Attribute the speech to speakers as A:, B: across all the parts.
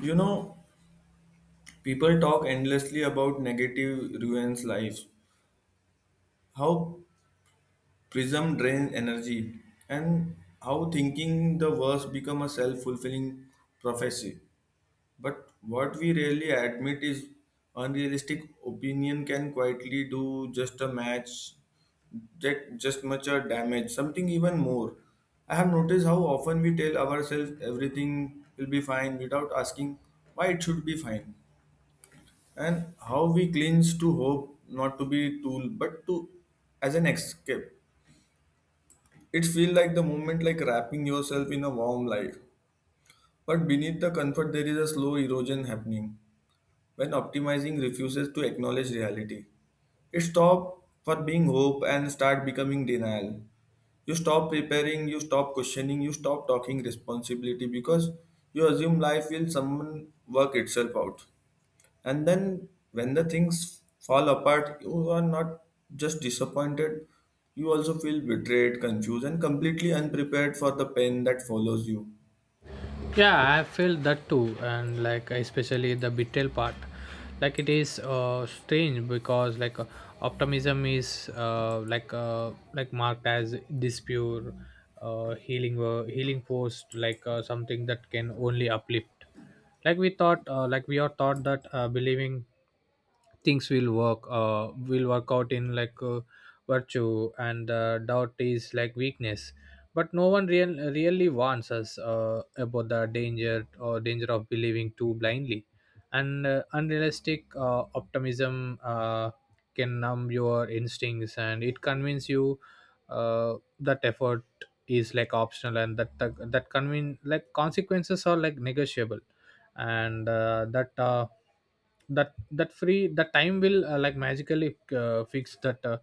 A: You know, people talk endlessly about negative ruins lives, how prism drains energy, and how thinking the worst become a self-fulfilling prophecy. But what we rarely admit is unrealistic opinion can quietly do just a match, just much a damage, something even more. I have noticed how often we tell ourselves everything will be fine without asking why it should be fine. And how we clinch to hope not to be tool but to as an escape. It feels like the moment like wrapping yourself in a warm light, but beneath the comfort there is a slow erosion happening. When optimizing refuses to acknowledge reality, it stops for being hope and start becoming denial. You stop preparing, you stop questioning, you stop talking responsibility because you assume life will someone work itself out. And then when the things fall apart, you are not just disappointed, you also feel betrayed, confused, and completely unprepared for the pain that follows you.
B: Yeah, I felt that too, and like especially the betrayal part. Like, it is strange because like optimism is like marked as this pure healing force, like something that can only uplift. Like we are taught that believing things will work out in like virtue, and doubt is like weakness. But no one really warns us about the danger or danger of believing too blindly. And unrealistic optimism can numb your instincts, and it convince you uh, that effort is like optional, and that that, that convin like consequences are like negotiable. And that that time will like magically fix that, uh,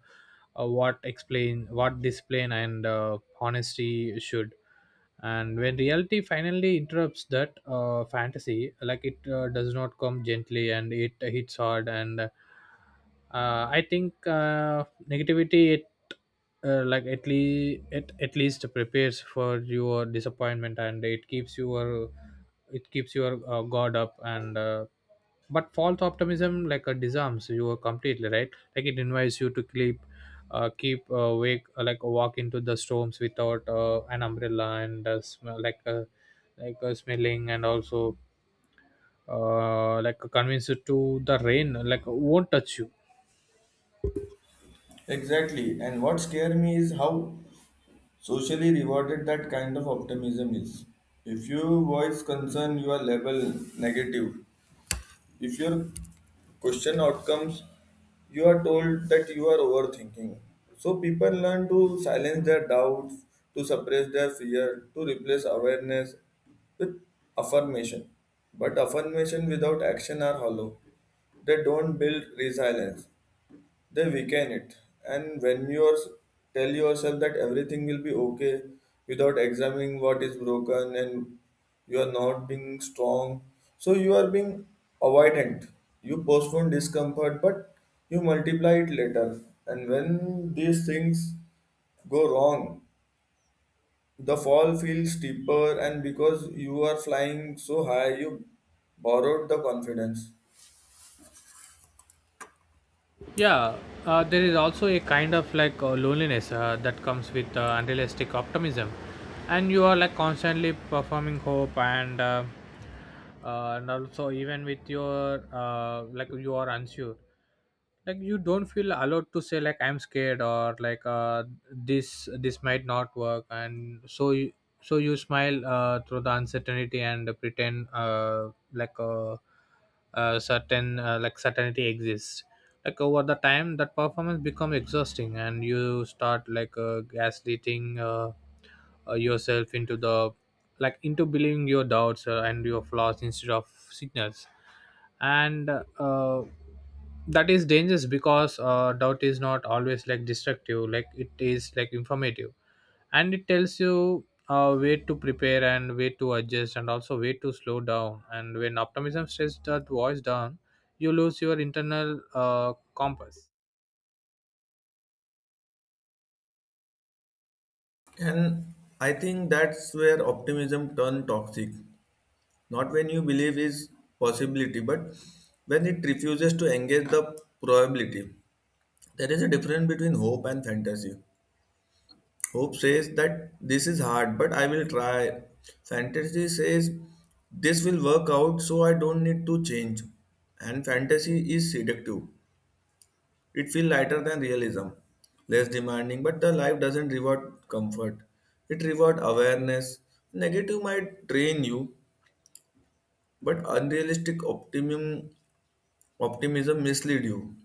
B: uh, what explain what discipline and honesty should. And when reality finally interrupts that fantasy, like it does not come gently, and it hits hard. And I think negativity, it at least prepares for your disappointment, and it keeps your guard up. And But false optimism like disarms you completely, right? Like, it invites you to keep keep wake like walk into the storms without an umbrella and smelling and also like convinced to the rain like won't touch you.
A: Exactly. And what scares me is how socially rewarded that kind of optimism is. If you voice concern, you are labeled negative. If your question outcomes, you are told that you are overthinking. So people learn to silence their doubts, to suppress their fear, to replace awareness with affirmation. But affirmation without action are hollow. They don't build resilience, they weaken it. And when you are tell yourself that everything will be okay without examining what is broken, and you are not being strong, so you are being avoidant. You postpone discomfort but you multiply it later. And when these things go wrong, the fall feels steeper, and because you are flying so high, you borrowed the confidence.
B: Yeah, there is also a kind of like loneliness that comes with unrealistic optimism, and you are like constantly performing hope, and also, even with your like you are unsure. Like, you don't feel allowed to say like I'm scared or like this might not work, and so you smile through the uncertainty and pretend like certainty exists. Like over the time that performance become exhausting, and you start like gaslighting yourself into the like into believing your doubts and your flaws instead of signals. And uh, that is dangerous because doubt is not always like destructive, like it is like informative. And it tells you way to prepare, and way to adjust, and also way to slow down. And when optimism shuts that voice down, you lose your internal compass.
A: And I think that's where optimism turned toxic. Not when you believe is possibility, but when it refuses to engage the probability. There is a difference between hope and fantasy. Hope says that this is hard, but I will try. Fantasy says this will work out, so I don't need to change. And fantasy is seductive. It feels lighter than realism, less demanding, but the life doesn't reward comfort. It rewards awareness. Negative might drain you, but unrealistic optimism optimism mislead you.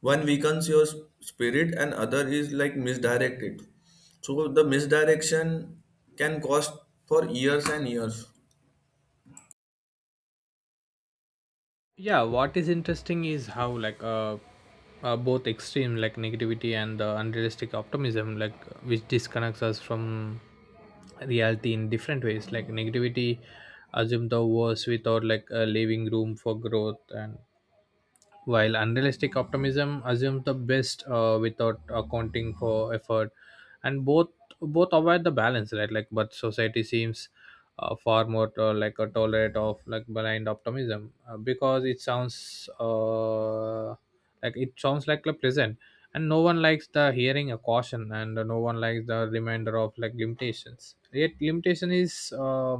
A: One weakens your spirit and other is like misdirected. So the misdirection can cost for years and years.
B: Yeah, what is interesting is how like both extreme, like negativity and the unrealistic optimism, like which disconnects us from reality in different ways. Like negativity assume the worst without like leaving room for growth, and while unrealistic optimism assumes the best without accounting for effort, and both avoid the balance, right? Like, but society seems far more like a tolerate of like blind optimism because it sounds like a pleasant, and no one likes the hearing a caution, and no one likes the reminder of like limitations. Yet limitation is. Uh,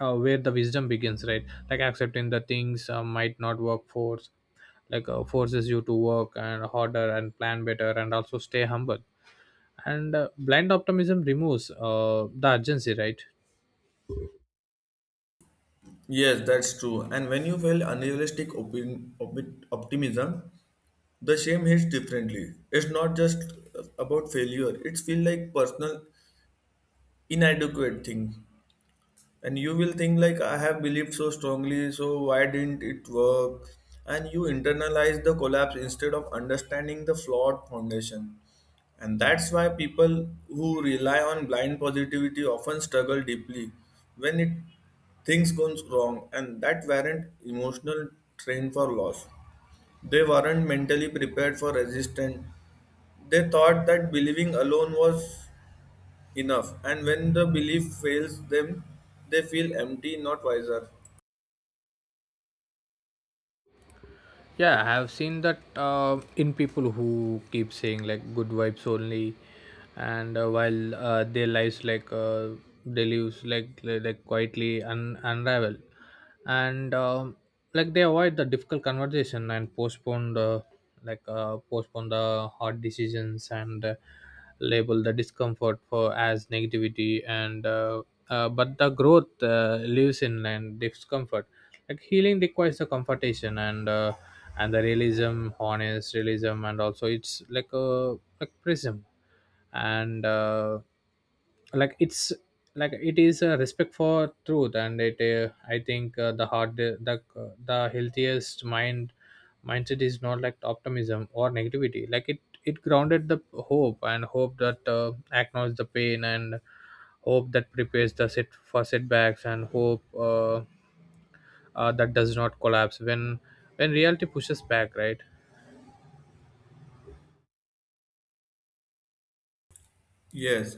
B: uh, Where the wisdom begins, right? Like accepting the things might not work, forces you to work and harder and plan better and also stay humble. And blind optimism removes the urgency, right?
A: Yes, that's true. And when you feel unrealistic optimism, the shame hits differently. It's not just about failure. It's feel like personal inadequate thing. And you will think like I have believed so strongly, so why didn't it work? And you internalize the collapse instead of understanding the flawed foundation. And that's why people who rely on blind positivity often struggle deeply when it things goes wrong, and that warrant emotional strain for loss. They weren't mentally prepared for resistance. They thought that believing alone was enough, and when the belief fails them, they feel empty, not wiser.
B: Yeah, I have seen that in people who keep saying like good vibes only, and while their lives like quietly unravel, and like they avoid the difficult conversation and postpone the like postpone the hard decisions, and label the discomfort for as negativity, and but the growth lives in and discomfort. Like healing requires the confrontation, and and the realism, honest realism, and also it's like a like prism. And like it's like it is a respect for truth, and it I think the hard the healthiest mindset is not like optimism or negativity, like it grounded the hope, and hope that acknowledge the pain, and hope that prepares the set for setbacks, and hope that does not collapse when reality pushes back, right?
A: Yes,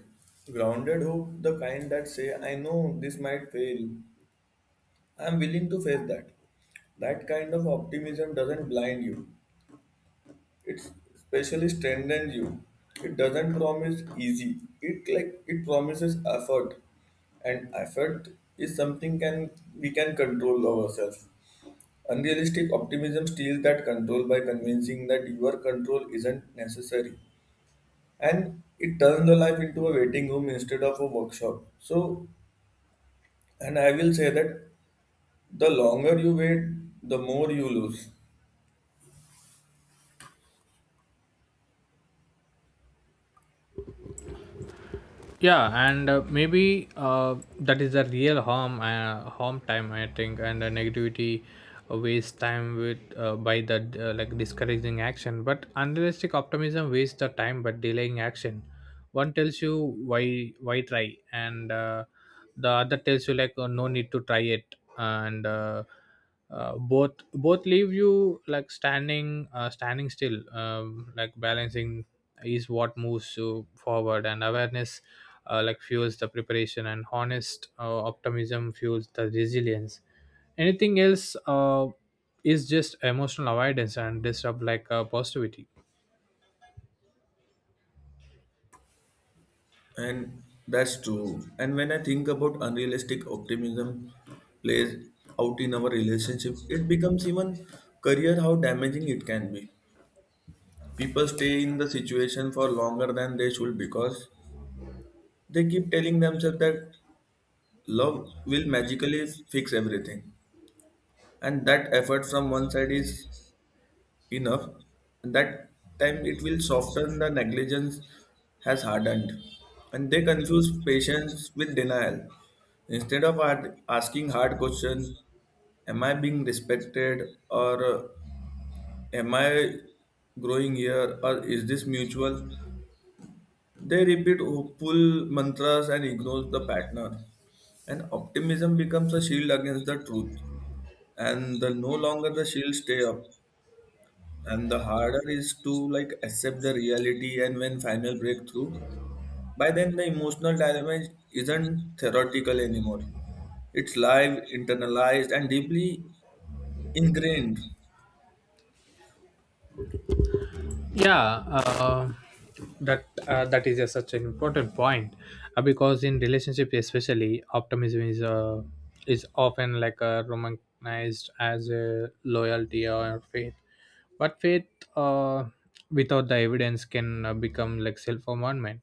A: grounded hope, the kind that say, I know this might fail. I am willing to face that. That kind of optimism doesn't blind you. It especially strengthens you. It doesn't promise easy. It like it promises effort, and effort is something can we can control ourselves. Unrealistic optimism steals that control by convincing that your control isn't necessary, and it turns the life into a waiting room instead of a workshop. So, and I will say that the longer you wait, the more you lose.
B: Yeah, and maybe that is the real harm time I think, and the negativity waste time with by the like discouraging action, but unrealistic optimism wastes the time but delaying action. One tells you why try, and the other tells you like oh, no need to try it, and both leave you like standing still, like balancing is what moves you forward, and awareness like fuels the preparation, and honest optimism fuels the resilience. Anything else is just emotional avoidance and disrupt like positivity.
A: And that's true. And when I think about unrealistic optimism plays out in our relationship, it becomes even career how damaging it can be. People stay in the situation for longer than they should because they keep telling themselves that love will magically fix everything. And that effort from one side is enough, and that time it will soften the negligence has hardened. And they confuse patience with denial. Instead of asking hard question, am I being respected, or am I growing here, or is this mutual? They repeat hopeful mantras and ignore the partner. And optimism becomes a shield against the truth. And the no longer the shield stay up, and the harder is to like accept the reality. And when final breakthrough, by then the emotional damage isn't theoretical anymore, it's live internalized and deeply ingrained.
B: Yeah, that is a such an important point because in relationship, especially optimism is often like romanticized as a loyalty or faith. But faith uh, without the evidence can become like self-commandment,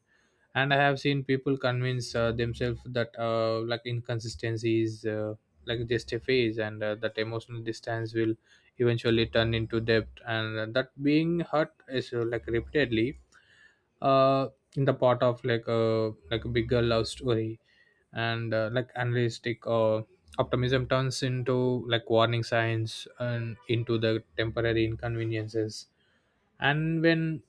B: and I have seen people convince themselves that like inconsistency is like just a phase, and that emotional distance will eventually turn into depth, and that being hurt is like repeatedly, uh, in the part of like a bigger love story. And like unrealistic optimism turns into like warning signs and into the temporary inconveniences. And when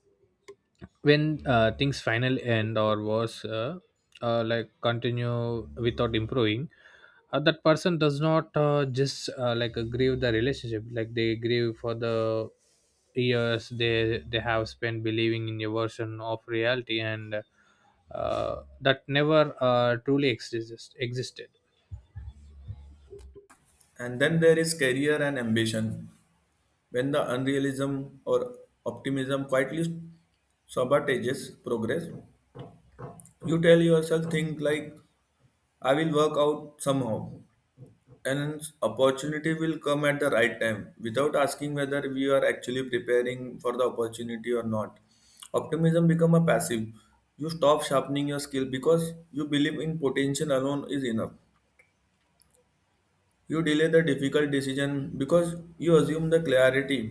B: things finally end or worse, like continue without improving. That person does not just like grieve the relationship, like they grieve for the years they have spent believing in a version of reality, and that never truly existed.
A: And then there is career and ambition, when the unrealism or optimism quietly sabotages progress. You tell yourself think like I will work out somehow, an opportunity will come at the right time, without asking whether we are actually preparing for the opportunity or not. Optimism become a passive. You stop sharpening your skill because you believe in potential alone is enough. You delay the difficult decision because you assume the clarity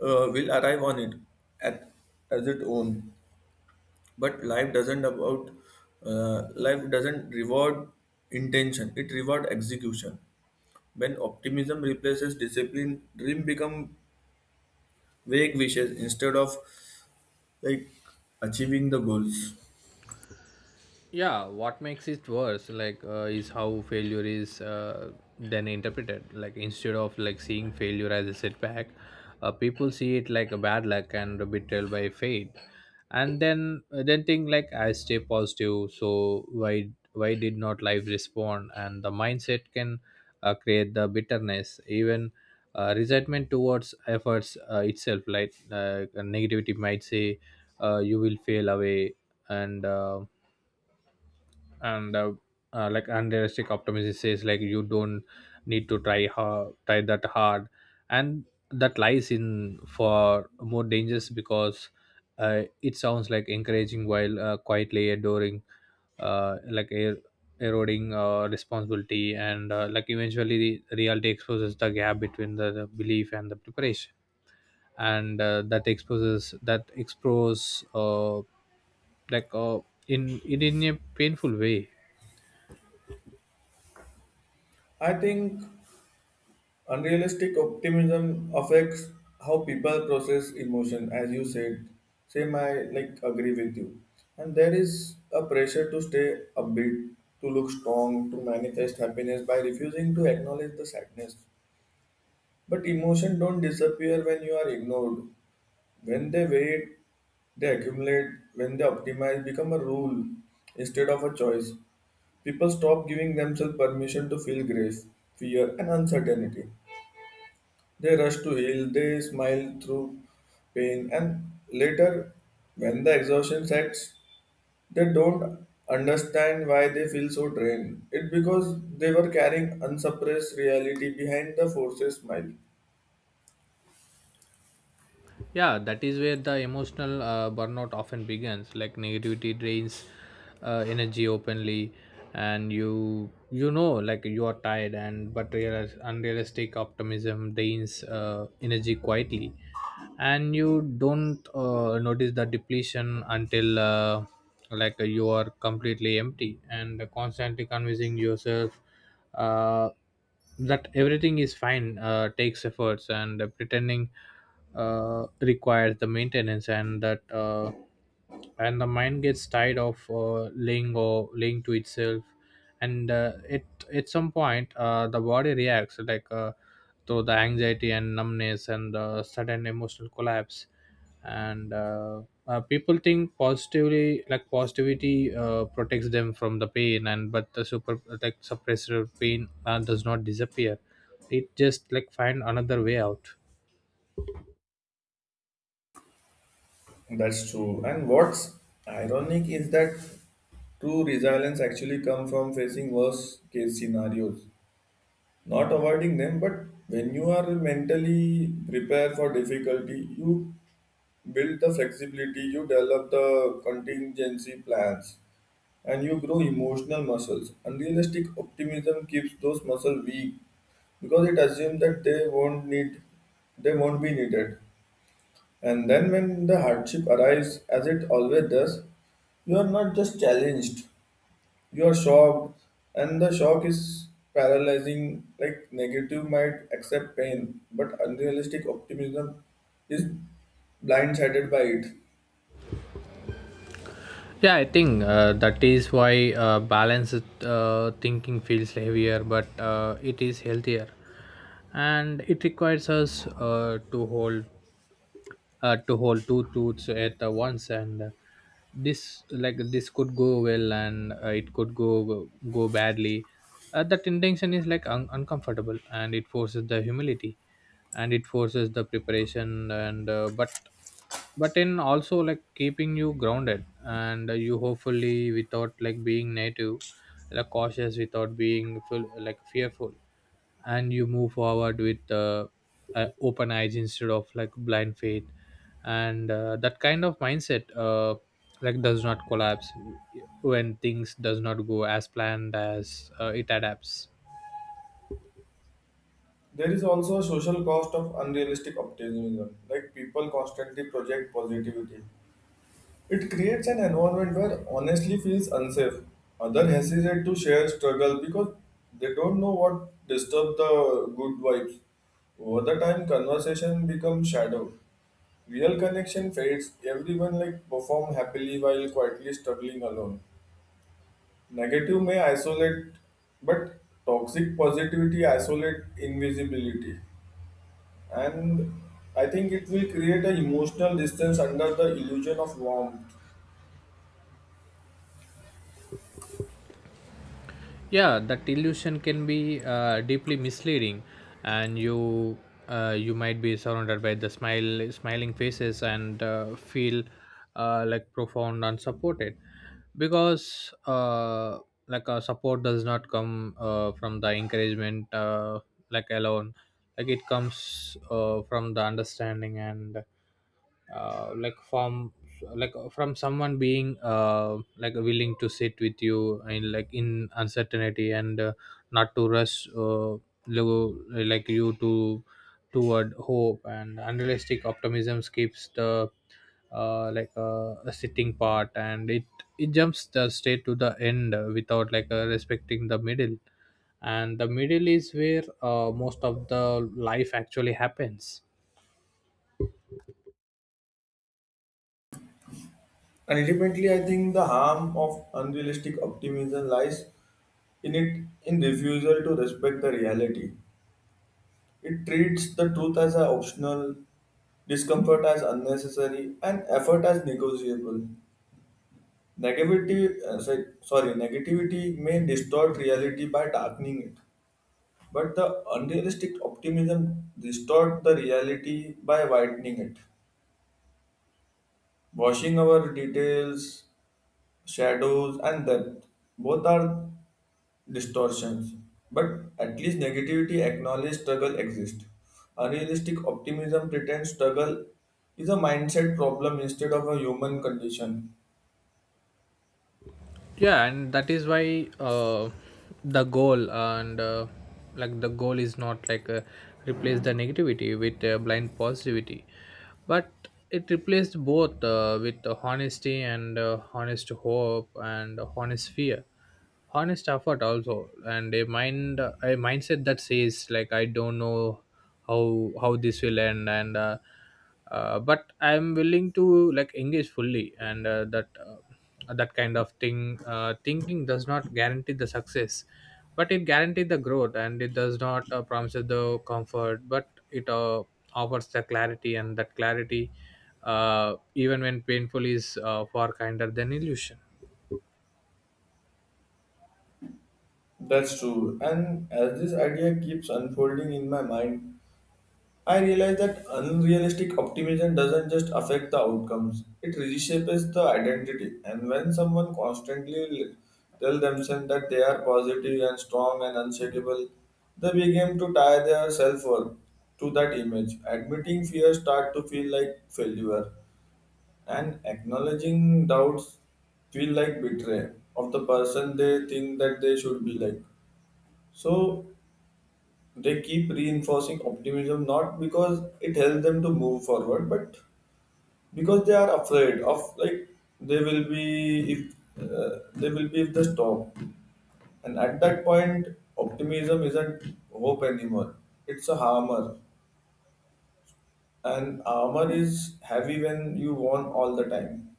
A: will arrive on it at, as its own. But life doesn't about life doesn't reward intention, it reward execution. When optimism replaces discipline, dream become vague wishes instead of like achieving the goals.
B: Yeah, what makes it worse like is how failure is then interpreted, like instead of like seeing failure as a setback, people see it like a bad luck and a betrayal by fate. And then think like I stay positive, so why did not life respond, and the mindset can create the bitterness, even resentment towards efforts itself, like negativity might say you will fail away, and and uh, like unrealistic optimism says like you don't need to try that hard. And that lies in for more dangers because it sounds like encouraging while quietly adoring, uh, like er- eroding responsibility, and like eventually the reality exposes the gap between the belief and the preparation, and that expose like uh, in a painful way.
A: I think unrealistic optimism affects how people process emotion. As you said, same, I like agree with you. And there is a pressure to stay upbeat, to look strong, to manifest happiness by refusing to acknowledge the sadness. But emotion don't disappear when you are ignored. When they wait, they accumulate. When they optimize, become a rule instead of a choice. People stop giving themselves permission to feel grief, fear, and uncertainty. They rush to heal, they smile through pain, and later, when the exhaustion sets, they don't understand why they feel so drained. It's because they were carrying unsuppressed reality behind the forces smile.
B: Yeah, that is where the emotional burnout often begins, like negativity drains energy openly, and you know like you are tired, and but real unrealistic optimism drains energy quietly. And you don't notice the depletion until like you are completely empty, and constantly convincing yourself uh, that everything is fine takes efforts, and pretending requires the maintenance, and that and the mind gets tired of laying or laying to itself. And it at some point, the body reacts like to the anxiety and numbness and the sudden emotional collapse, and people think positively, like positivity protects them from the pain, and but the super like suppressor pain does not disappear. It just like find another way out.
A: That's true. And what's ironic is that true resilience actually comes from facing worst case scenarios, not avoiding them. But when you are mentally prepared for difficulty, you build the flexibility, you develop the contingency plans, and you grow emotional muscles. Unrealistic optimism keeps those muscles weak because it assumes that they won't need, they won't be needed. And then when the hardship arises, as it always does, you are not just challenged, you are shocked, and the shock is paralyzing. Like negative might accept pain, but unrealistic optimism is blindsided by it.
B: Yeah, I think that is why balanced thinking feels heavier, but it is healthier. And it requires us to hold two truths at once and this could go well and it could go badly. Uh, that intention is like uncomfortable, and it forces the humility and it forces the preparation and but in also like keeping you grounded, and you hopefully without like being native, like cautious without being full, like fearful, and you move forward with open eyes instead of like blind faith. And that kind of mindset like does not collapse when things does not go as planned, as it adapts.
A: There is also a social cost of unrealistic optimism, like people constantly project positivity. It creates an environment where honestly feels unsafe. Others hesitate to share struggle because they don't know what disturbs the good vibes. Over the time, conversation becomes shadow. Real connection fades. Everyone like perform happily while quietly struggling alone. Negative may isolate, but toxic positivity isolate invisibility. And I think it will create an emotional distance under the illusion of warmth.
B: Yeah, that illusion can be deeply misleading, and you might be surrounded by the smile smiling faces and feel like profound unsupported, because support does not come from the encouragement, like alone. Like it comes from the understanding, and uh, like from like from someone being like willing to sit with you and like in uncertainty, and not to rush like you to toward hope. And unrealistic optimism skips the a sitting part, and it jumps the straight to the end, without like respecting the middle, and the middle is where most of the life actually happens.
A: And ultimately, I think the harm of unrealistic optimism lies in it in refusal to respect the reality. It treats the truth as an optional, discomfort as unnecessary, and effort as negotiable. Negativity, sorry, sorry, negativity may distort reality by darkening it, but the unrealistic optimism distort the reality by widening it, washing our details, shadows, and depth. Both are distortions. But at least negativity acknowledges struggle exists. Unrealistic optimism pretends struggle is a mindset problem instead of a human condition.
B: Yeah, and that is why the goal and like the goal is not like replace the negativity with blind positivity, but it replaced both with honesty and honest hope and honest fear, honest effort also. And a mindset that says like I don't know how this will end, and but I'm willing to like engage fully. And that kind of thing thinking does not guarantee the success, but it guarantees the growth. And it does not promise the comfort, but it offers the clarity. And that clarity, even when painful, is far kinder than illusion.
A: That's true. And as this idea keeps unfolding in my mind, I realize that unrealistic optimism doesn't just affect the outcomes, it reshapes the identity. And when someone constantly tells themselves that they are positive and strong and unshakable, they begin to tie their self worth to that image. Admitting fear start to feel like failure, and acknowledging doubts feel like betrayal of the person they think that they should be like. So they keep reinforcing optimism not because it helps them to move forward, but because they are afraid of like they will be if they will be if they stop. And at that point, optimism isn't hope anymore. It's a armor, and armor is heavy when you worn all the time.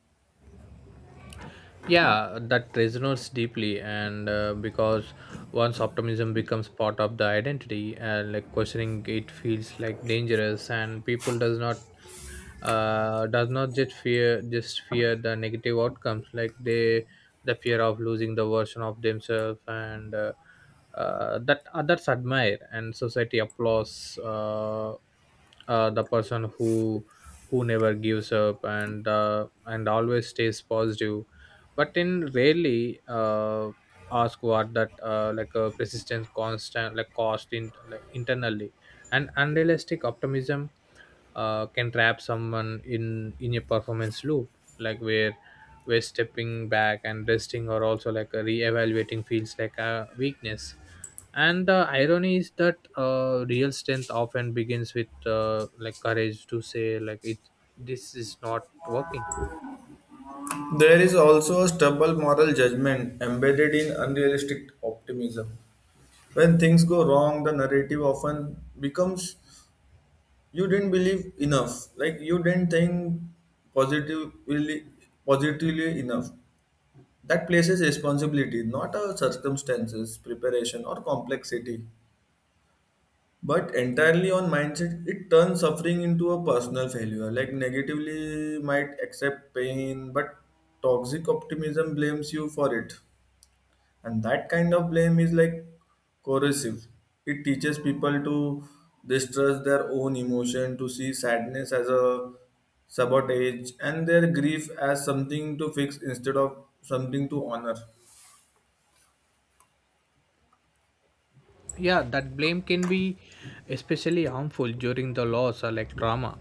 B: Yeah, that resonates deeply, and because once optimism becomes part of the identity and like questioning it feels like dangerous, and people does not just fear the negative outcomes. Like they the fear of losing the version of themselves, and that others admire and society applauds, the person who never gives up and always stays positive, but in rarely ask what that persistence constant like cost in like internally. And unrealistic optimism can trap someone in a performance loop, like where stepping back and resting or also like a re-evaluating feels like a weakness. And the irony is that real strength often begins with like courage to say like it this is not working.
A: There is also a stubborn moral judgment embedded in unrealistic optimism. When things go wrong, the narrative often becomes you didn't believe enough, like you didn't think positively positively enough. That places responsibility not our circumstances, preparation, or complexity, but entirely on mindset. It turns suffering into a personal failure. Like negatively might accept pain, but toxic optimism blames you for it. And that kind of blame is like corrosive. It teaches people to distrust their own emotion, to see sadness as a sabotage and their grief as something to fix instead of something to honor.
B: Yeah, that blame can be especially harmful during the loss or like trauma.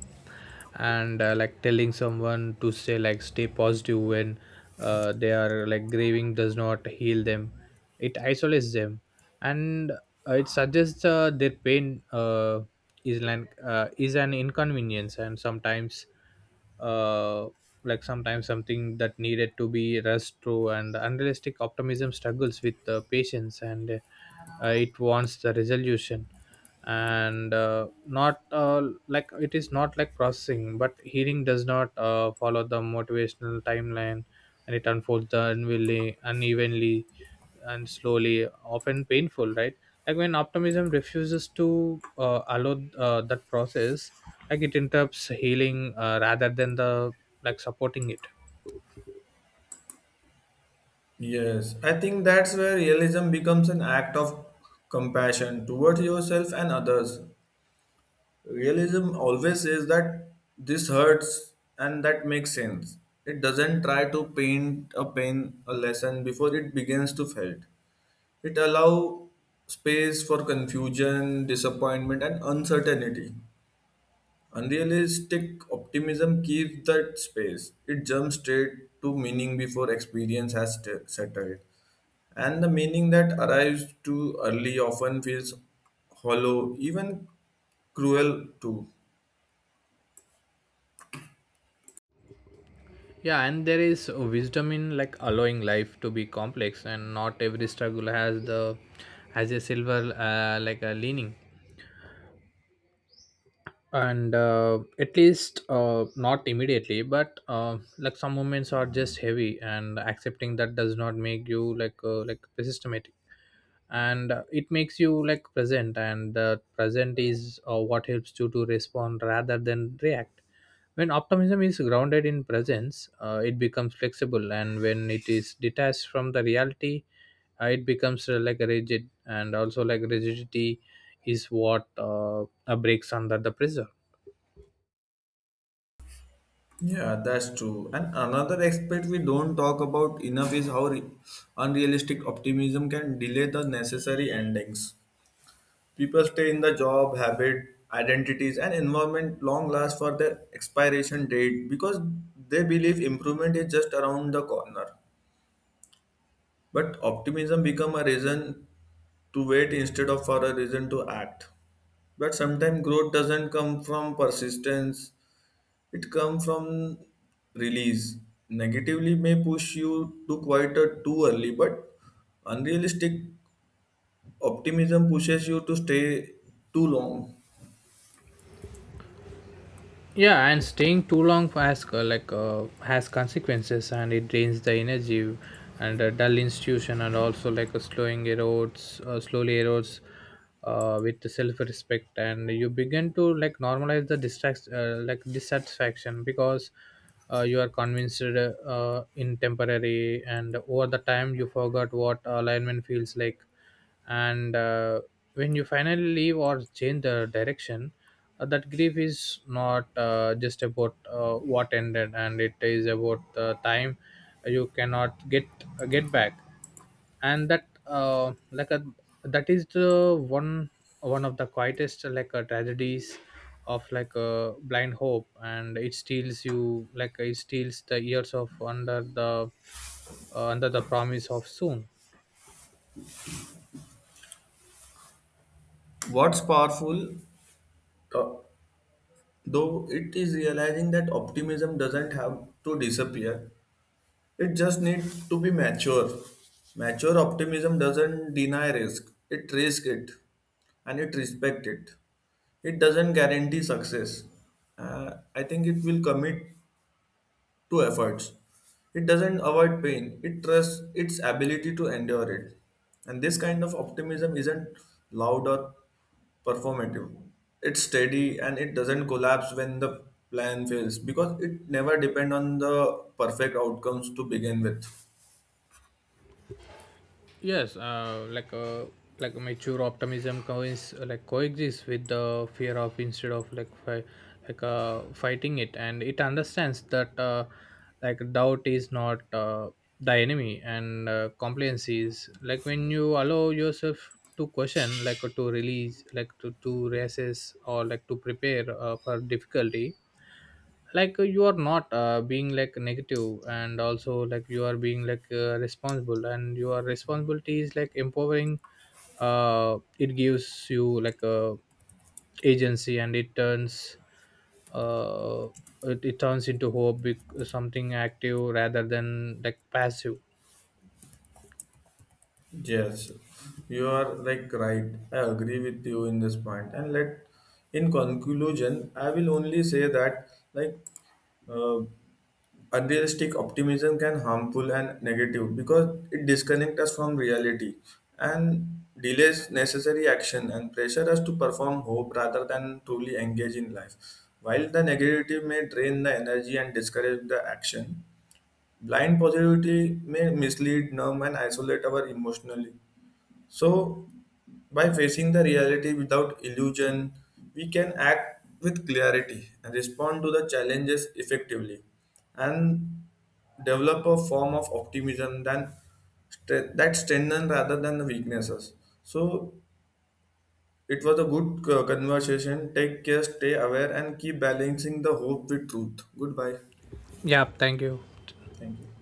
B: And like telling someone to say like stay positive when they are like grieving does not heal them, it isolates them. And it suggests their pain is an inconvenience, and sometimes uh, sometimes something that needed to be rushed through. And the unrealistic optimism struggles with the patience, and it wants the resolution and not like it is not like processing. But healing does not follow the motivational timeline, and it unfolds the unwillingly, unevenly and slowly, often painful, right? Like when optimism refuses to allow that process, like it interrupts healing rather than the like supporting it.
A: Yes, I think that's where realism becomes an act of compassion towards yourself and others. Realism always says that this hurts, and that makes sense. It doesn't try to paint a pain a lesson before it begins to felt. It allow space for confusion, disappointment, and uncertainty. Unrealistic optimism keeps that space. It jumps straight to meaning before experience has settled. And the meaning that arrives too early often feels hollow, even cruel too.
B: Yeah, and there is wisdom in like allowing life to be complex, and not every struggle has the has a silver like a leaning. And at least not immediately, but like some moments are just heavy, and accepting that does not make you like systematic. And it makes you like present, and present is what helps you to respond rather than react. When optimism is grounded in presence, it becomes flexible, and when it is detached from the reality, it becomes like rigid. And also like rigidity is what breaks under the pressure.
A: Yeah, that's true. And another aspect we don't talk about enough is how unrealistic optimism can delay the necessary endings. People stay in the job, habit, identities, and environment long last for their expiration date because they believe improvement is just around the corner. But optimism become a reason to wait instead of for a reason to act. But sometimes growth doesn't come from persistence, it comes from release. Negatively may push you to quite a too early, but unrealistic optimism pushes you to stay too long.
B: Yeah, and staying too long has has consequences, and it drains the energy and a dull institution. And also like a slowing erodes, slowly erodes, with the self-respect. And you begin to like normalize the distract like dissatisfaction, because you are convinced in temporary, and over the time you forgot what alignment feels like. And when you finally leave or change the direction, that grief is not just about what ended, and it is about the time you cannot get get back. And that like a that is the one, one of the quietest like tragedies of like a blind hope. And it steals you, like it steals the years of under the promise of soon.
A: What's powerful, uh, though, it is realizing that optimism doesn't have to disappear. It just needs to be mature. Mature optimism doesn't deny risk. It risks it, and it respects it. It doesn't guarantee success. I think it will commit to efforts. It doesn't avoid pain, it trusts its ability to endure it. And this kind of optimism isn't loud or performative. It's steady, and it doesn't collapse when the plan fails because it never depends on the perfect outcomes to begin with.
B: Yes, like mature optimism coins like coexists with the fear of, instead of like like fighting it. And it understands that doubt is not the enemy, and compliance is like when you allow yourself to question, like to release, like to reassess or like to prepare for difficulty. Like you are not being like negative, and also like you are being like responsible, and your responsibility is like empowering. It gives you like a agency, and it turns uh, it turns into hope something active rather than like passive.
A: Yes, you are like right. I agree with you in this point. And let in conclusion, I will only say that like uh, unrealistic optimism can harmful and negative because it disconnects us from reality and delays necessary action and pressure us to perform hope rather than truly engage in life. While the negativity may drain the energy and discourage the action, blind positivity may mislead, numb, and isolate our emotionally. So by facing the reality without illusion, we can act with clarity and respond to the challenges effectively, and develop a form of optimism than that strengthen rather than the weaknesses. So it was a good conversation. Take care, stay aware, and keep balancing the hope with truth. Goodbye.
B: Yeah, thank you.
A: Thank you.